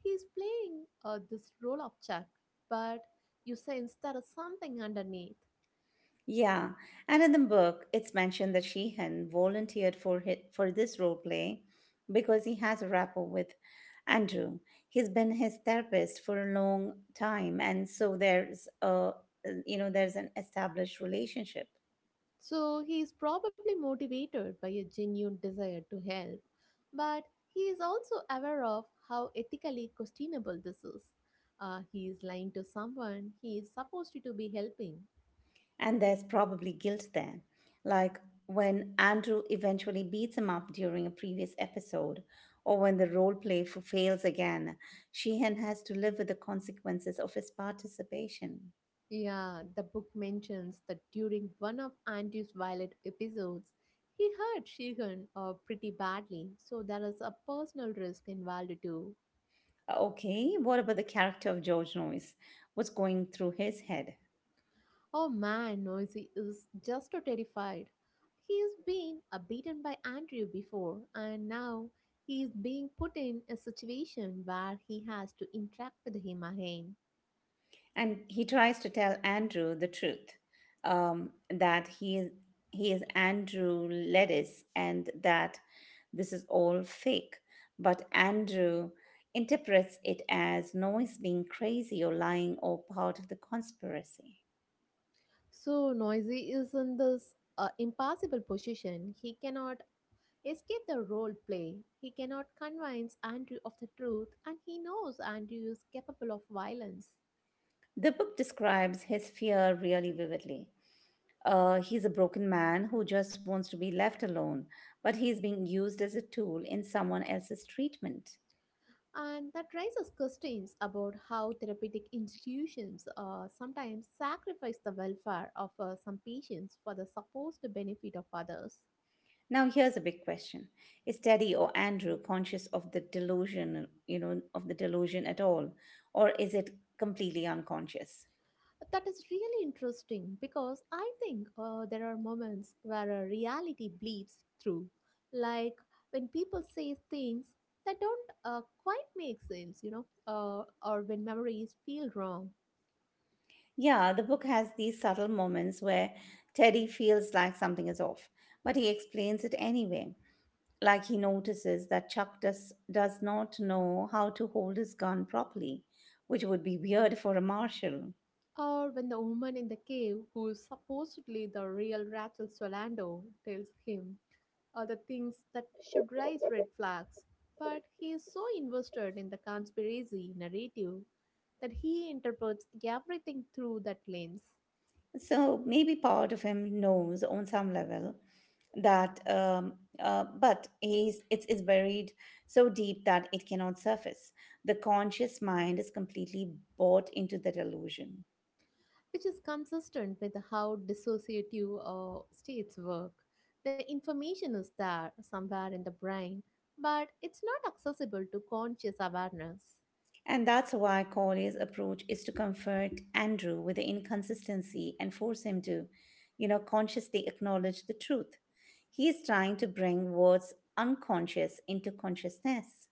B: He's playing this role of Chuck, but you sense there is something underneath.
A: Yeah, and in the book, it's mentioned that Sheehan volunteered for this role play because he has a rapport with Andrew. He's been his therapist for a long time, and so there's a, there's an established relationship,
B: So he is probably motivated by a genuine desire to help, but he is also aware of how ethically questionable this is. He is lying to someone he is supposed to be helping.
A: and there's probably guilt there, like when Andrew eventually beats him up during a previous episode, or when the role play fails again. Sheehan has to live with the consequences of his participation.
B: Yeah, the book mentions that during one of Auntie's Violet episodes, he hurt Sheehan pretty badly, so there is a personal risk involved too.
A: Okay, what about the character of George Noyes? What's going through his head?
B: Oh man, Noisy is just so terrified. He has been beaten by Andrew before, and now he is being put in a situation where he has to interact with him again.
A: And he tries to tell Andrew the truth, that he is Andrew Ledis and that this is all fake. But Andrew interprets it as Noyes being crazy or lying or part of the conspiracy.
B: So Noisy is in this impossible position. He cannot escape the role play. He cannot convince Andrew of the truth, and he knows Andrew is capable of violence.
A: The book describes his fear really vividly. He's a broken man who just wants to be left alone, but he's being used as a tool in someone else's treatment.
B: And that raises questions about how therapeutic institutions sometimes sacrifice the welfare of some patients for the supposed benefit of others.
A: Now, here's a big question: is Teddy or Andrew conscious of the delusion, at all, or is it completely unconscious?
B: That is really interesting because I think there are moments where a reality bleeds through, like when people say things that don't quite make sense, you know, or when memories feel wrong,
A: Yeah, the book has these subtle moments where Teddy feels like something is off, but he explains it anyway. Like he notices that Chuck does not know how to hold his gun properly, which would be weird for a marshal.
B: or when the woman in the cave, who is supposedly the real Rachel Solando, tells him the things that should raise red flags, but he is so invested in the conspiracy narrative that he interprets everything through that lens.
A: So maybe part of him knows on some level that, but it's buried so deep that it cannot surface. The conscious mind is completely bought into the delusion.
B: Which is consistent with how dissociative states work. The information is there somewhere in the brain, but it's not accessible to conscious awareness.
A: And that's why Corley's approach is to comfort Andrew with the inconsistency and force him to, you know, consciously acknowledge the truth. He is trying to bring what's unconscious into consciousness,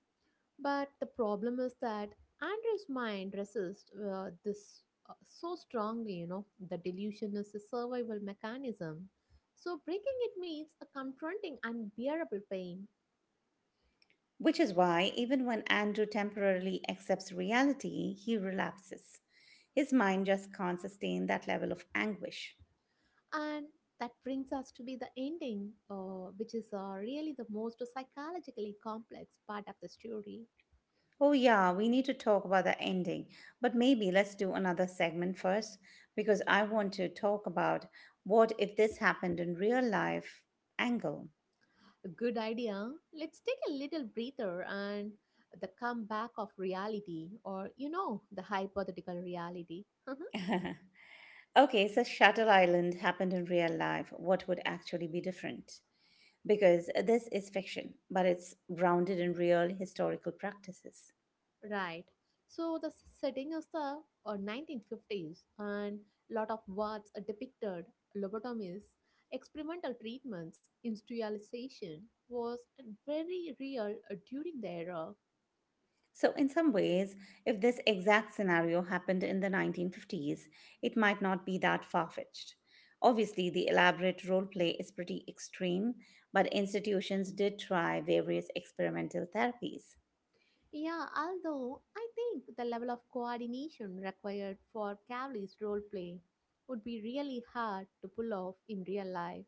B: But the problem is that Andrew's mind resists this so strongly, you know, the delusion is a survival mechanism. So breaking it means a confronting unbearable pain.
A: which is why even when Andrew temporarily accepts reality, he relapses. His mind just can't sustain that level of anguish.
B: And that brings us to be the ending, which is really the most psychologically complex part of the story.
A: Oh, yeah, we need to talk about the ending. But maybe let's do another segment first because I want to talk about what if this happened in real life angle.
B: A good idea. Let's take a little breather and the comeback of reality, or you know, the hypothetical reality. *laughs*
A: Okay, so Shutter Island happened in real life. What would actually be different? Because this is fiction, but it's grounded in real historical practices.
B: Right. So the setting is the 1950s, and lot of words are depicted: lobotomies, experimental treatments, industrialization was very real during the era.
A: So, in some ways, if this exact scenario happened in the 1950s, it might not be that far fetched. Obviously, the elaborate role play is pretty extreme, but institutions did try various experimental therapies.
B: Yeah, although I think the level of coordination required for Cavali's role play would be really hard to pull off in real life,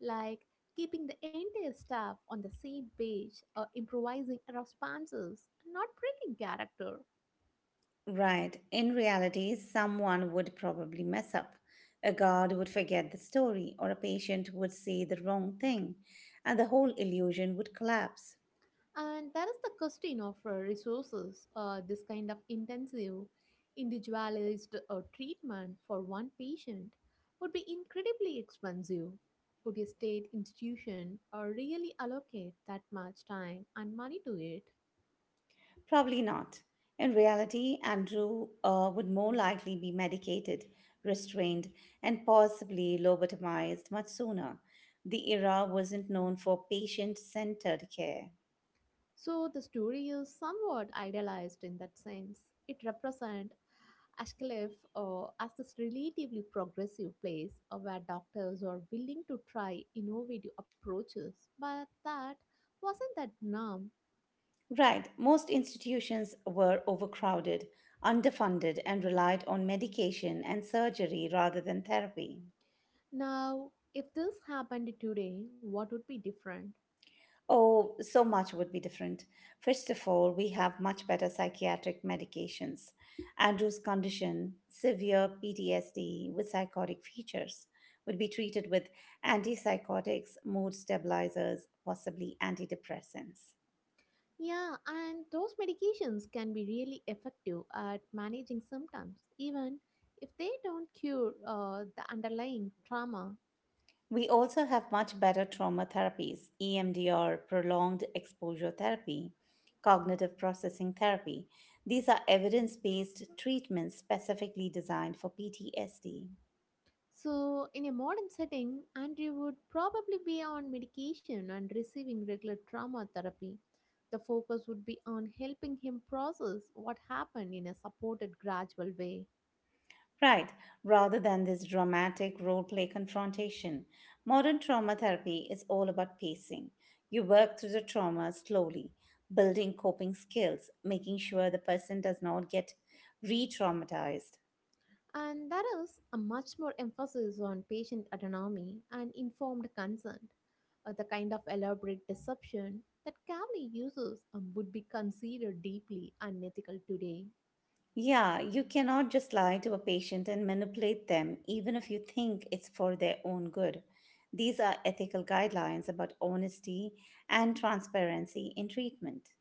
B: like keeping the entire staff on the same page or improvising responses, not breaking character.
A: Right, in reality, someone would probably mess up. A guard would forget the story, or a patient would say the wrong thing, and the whole illusion would collapse.
B: And there is the question of resources. This kind of intensive, individualized treatment for one patient would be incredibly expensive. Would a state institution really allocate that much time and money to it?
A: Probably not. In reality, Andrew would more likely be medicated, restrained, and possibly lobotomized much sooner. The era wasn't known for patient centered care.
B: So the story is somewhat idealized in that sense. It represents Ashkelov as this relatively progressive place where doctors are willing to try innovative approaches, but that wasn't that norm.
A: Right, most institutions were overcrowded, underfunded, and relied on medication and surgery rather than therapy.
B: Now, if this happened today, what would be different?
A: Oh, so much would be different. First of all, we have much better psychiatric medications. Andrew's condition, severe PTSD with psychotic features, would be treated with antipsychotics, mood stabilizers, possibly antidepressants.
B: Yeah, and those medications can be really effective at managing symptoms, even if they don't cure the underlying trauma.
A: We also have much better trauma therapies: EMDR, prolonged exposure therapy, cognitive processing therapy. These are evidence based treatments specifically designed for PTSD.
B: So, in a modern setting, Andrew would probably be on medication and receiving regular trauma therapy. The focus would be on helping him process what happened in a supported, gradual way.
A: Right, rather than this dramatic role play confrontation. Modern trauma therapy is all about pacing. You work through the trauma slowly, building coping skills, making sure the person does not get re traumatized.
B: And there is a much more emphasis on patient autonomy and informed consent. The kind of elaborate deception that Kavli uses would be considered deeply unethical today.
A: Yeah, you cannot just lie to a patient and manipulate them, even if you think it's for their own good. These are ethical guidelines about honesty and transparency in treatment.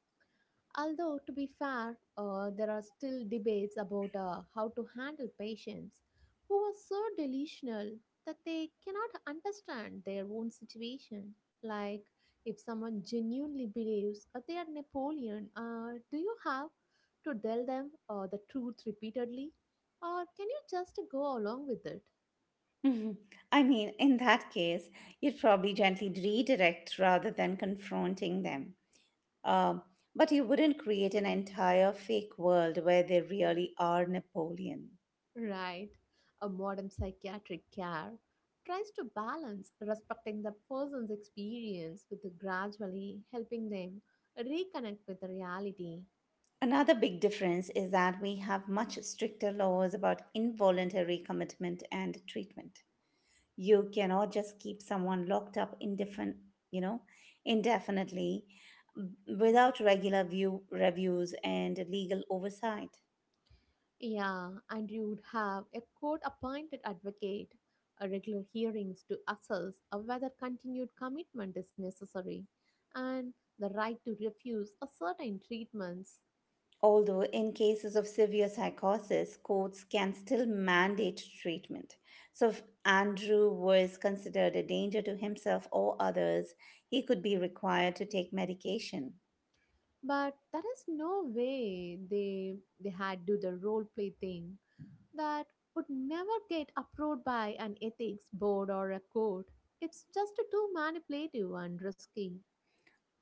B: Although, to be fair, there are still debates about how to handle patients who are so delusional that they cannot understand their own situation. Like, if someone genuinely believes they are Napoleon, do you have to tell them the truth repeatedly? Or can you just go along with it?
A: Mhm. I mean, in that case, you'd probably gently redirect rather than confronting them. Um, but you wouldn't create an entire fake world where they really are Napoleon.
B: Right. A modern psychiatric care tries to balance respecting the person's experience with gradually helping them reconnect with the reality.
A: Another big difference is that we have much stricter laws about involuntary commitment and treatment. You cannot just keep someone locked up you know, indefinitely, without regular view reviews and legal oversight.
B: Yeah, and you would have a court appointed advocate, a regular hearings to assess of whether continued commitment is necessary, and the right to refuse a certain treatments.
A: Although, in cases of severe psychosis, courts can still mandate treatment. So, if Andrew was considered a danger to himself or others, he could be required to take medication.
B: But there is no way they had do the role play thing that would never get approved by an ethics board or a court. It's just too manipulative and risky.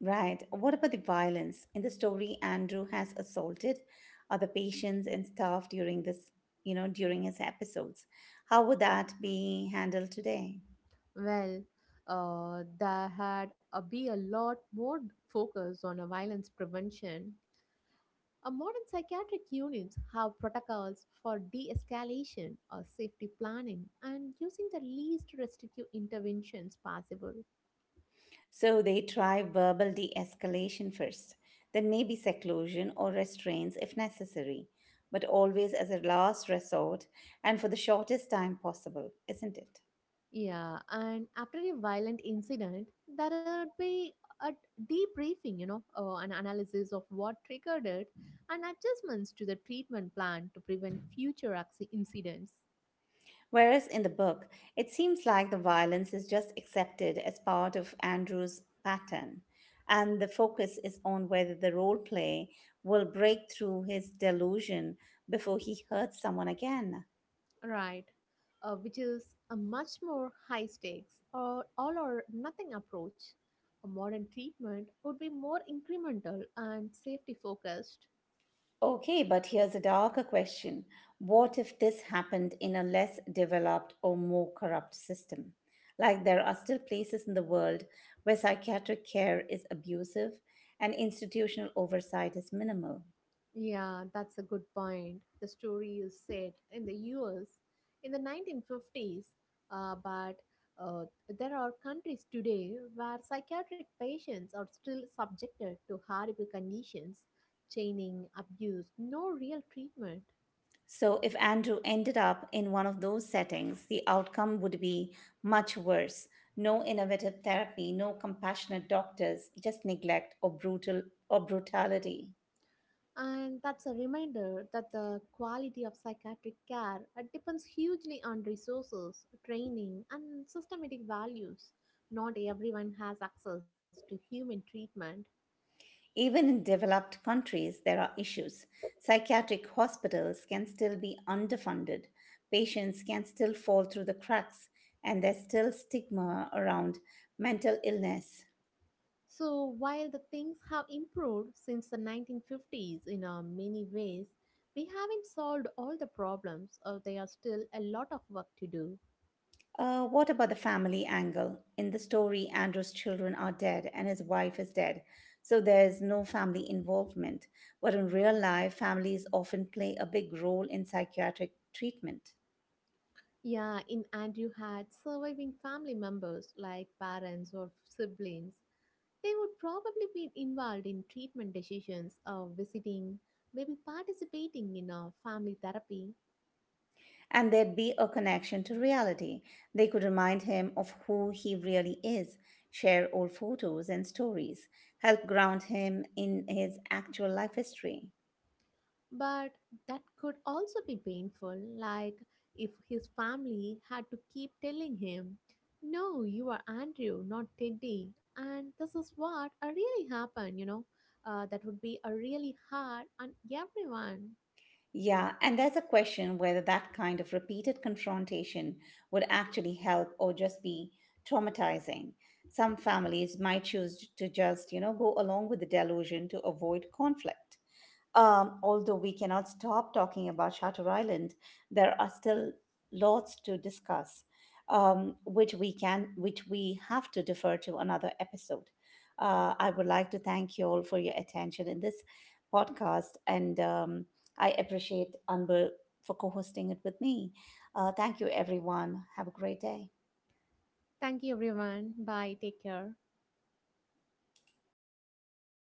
A: Right. What about the violence? In the story, Andrew has assaulted other patients and staff during this, you know, during his episodes. How would that be handled today?
B: Well, there had be a lot more focus on a violence prevention. A modern psychiatric units have protocols for de-escalation or safety planning and using the least restrictive interventions possible.
A: So they try verbal de escalation first, then maybe seclusion or restraints if necessary, but always as a last resort and for the shortest time possible, isn't it?
B: Yeah, and after a violent incident, there would be a debriefing, you know, an analysis of what triggered it and adjustments to the treatment plan to prevent future incidents.
A: Whereas in the book, it seems like the violence is just accepted as part of Andrew's pattern, and the focus is on whether the role play will break through his delusion before he hurts someone again.
B: Right, which is a much more high stakes or all or nothing approach. A modern treatment would be more incremental and safety focused.
A: Okay, but here's a darker question. What if this happened in a less developed or more corrupt system? Like there are still places in the world where psychiatric care is abusive and institutional oversight is minimal.
B: Yeah, that's a good point. The story is set in the US in the 1950s, but uh, there are countries today where psychiatric patients are still subjected to horrible conditions, chaining, abuse, no real treatment.
A: So if Andrew ended up in one of those settings, the outcome would be much worse. No innovative therapy, no compassionate doctors, just neglect or brutality.
B: And that's a reminder that the quality of psychiatric care depends hugely on resources, training, and systematic values. Not everyone has access to human treatment.
A: Even in developed countries, there are issues. Psychiatric hospitals can still be underfunded, patients can still fall through the cracks, and there's still stigma around mental illness.
B: So, while the things have improved since the 1950s in many ways, we haven't solved all the problems, or there are still a lot of work to do.
A: What about the family angle? In the story, Andrew's children are dead and his wife is dead, so there's no family involvement. But in real life, families often play a big role in psychiatric treatment.
B: Yeah, in and you had surviving family members like parents or siblings. They would probably be involved in treatment decisions or visiting, maybe participating in a family therapy.
A: And there'd be a connection to reality. They could remind him of who he really is, share old photos and stories, help ground him in his actual life history.
B: But that could also be painful, like if his family had to keep telling him, "No, you are Andrew, not Teddy, and this is what really happened, you know. That would be a really hard on everyone."
A: Yeah, and there's a question whether that kind of repeated confrontation would actually help or just be traumatizing. Some families might choose to just, you know, go along with the delusion to avoid conflict. Although we cannot stop talking about Shutter Island, there are still lots to discuss, which we have to defer to another episode. I would like to thank you all for your attention in this podcast, and I appreciate Anbu for co-hosting it with me. Thank you, everyone. Have a great day.
B: Thank you, everyone. Bye. Take care.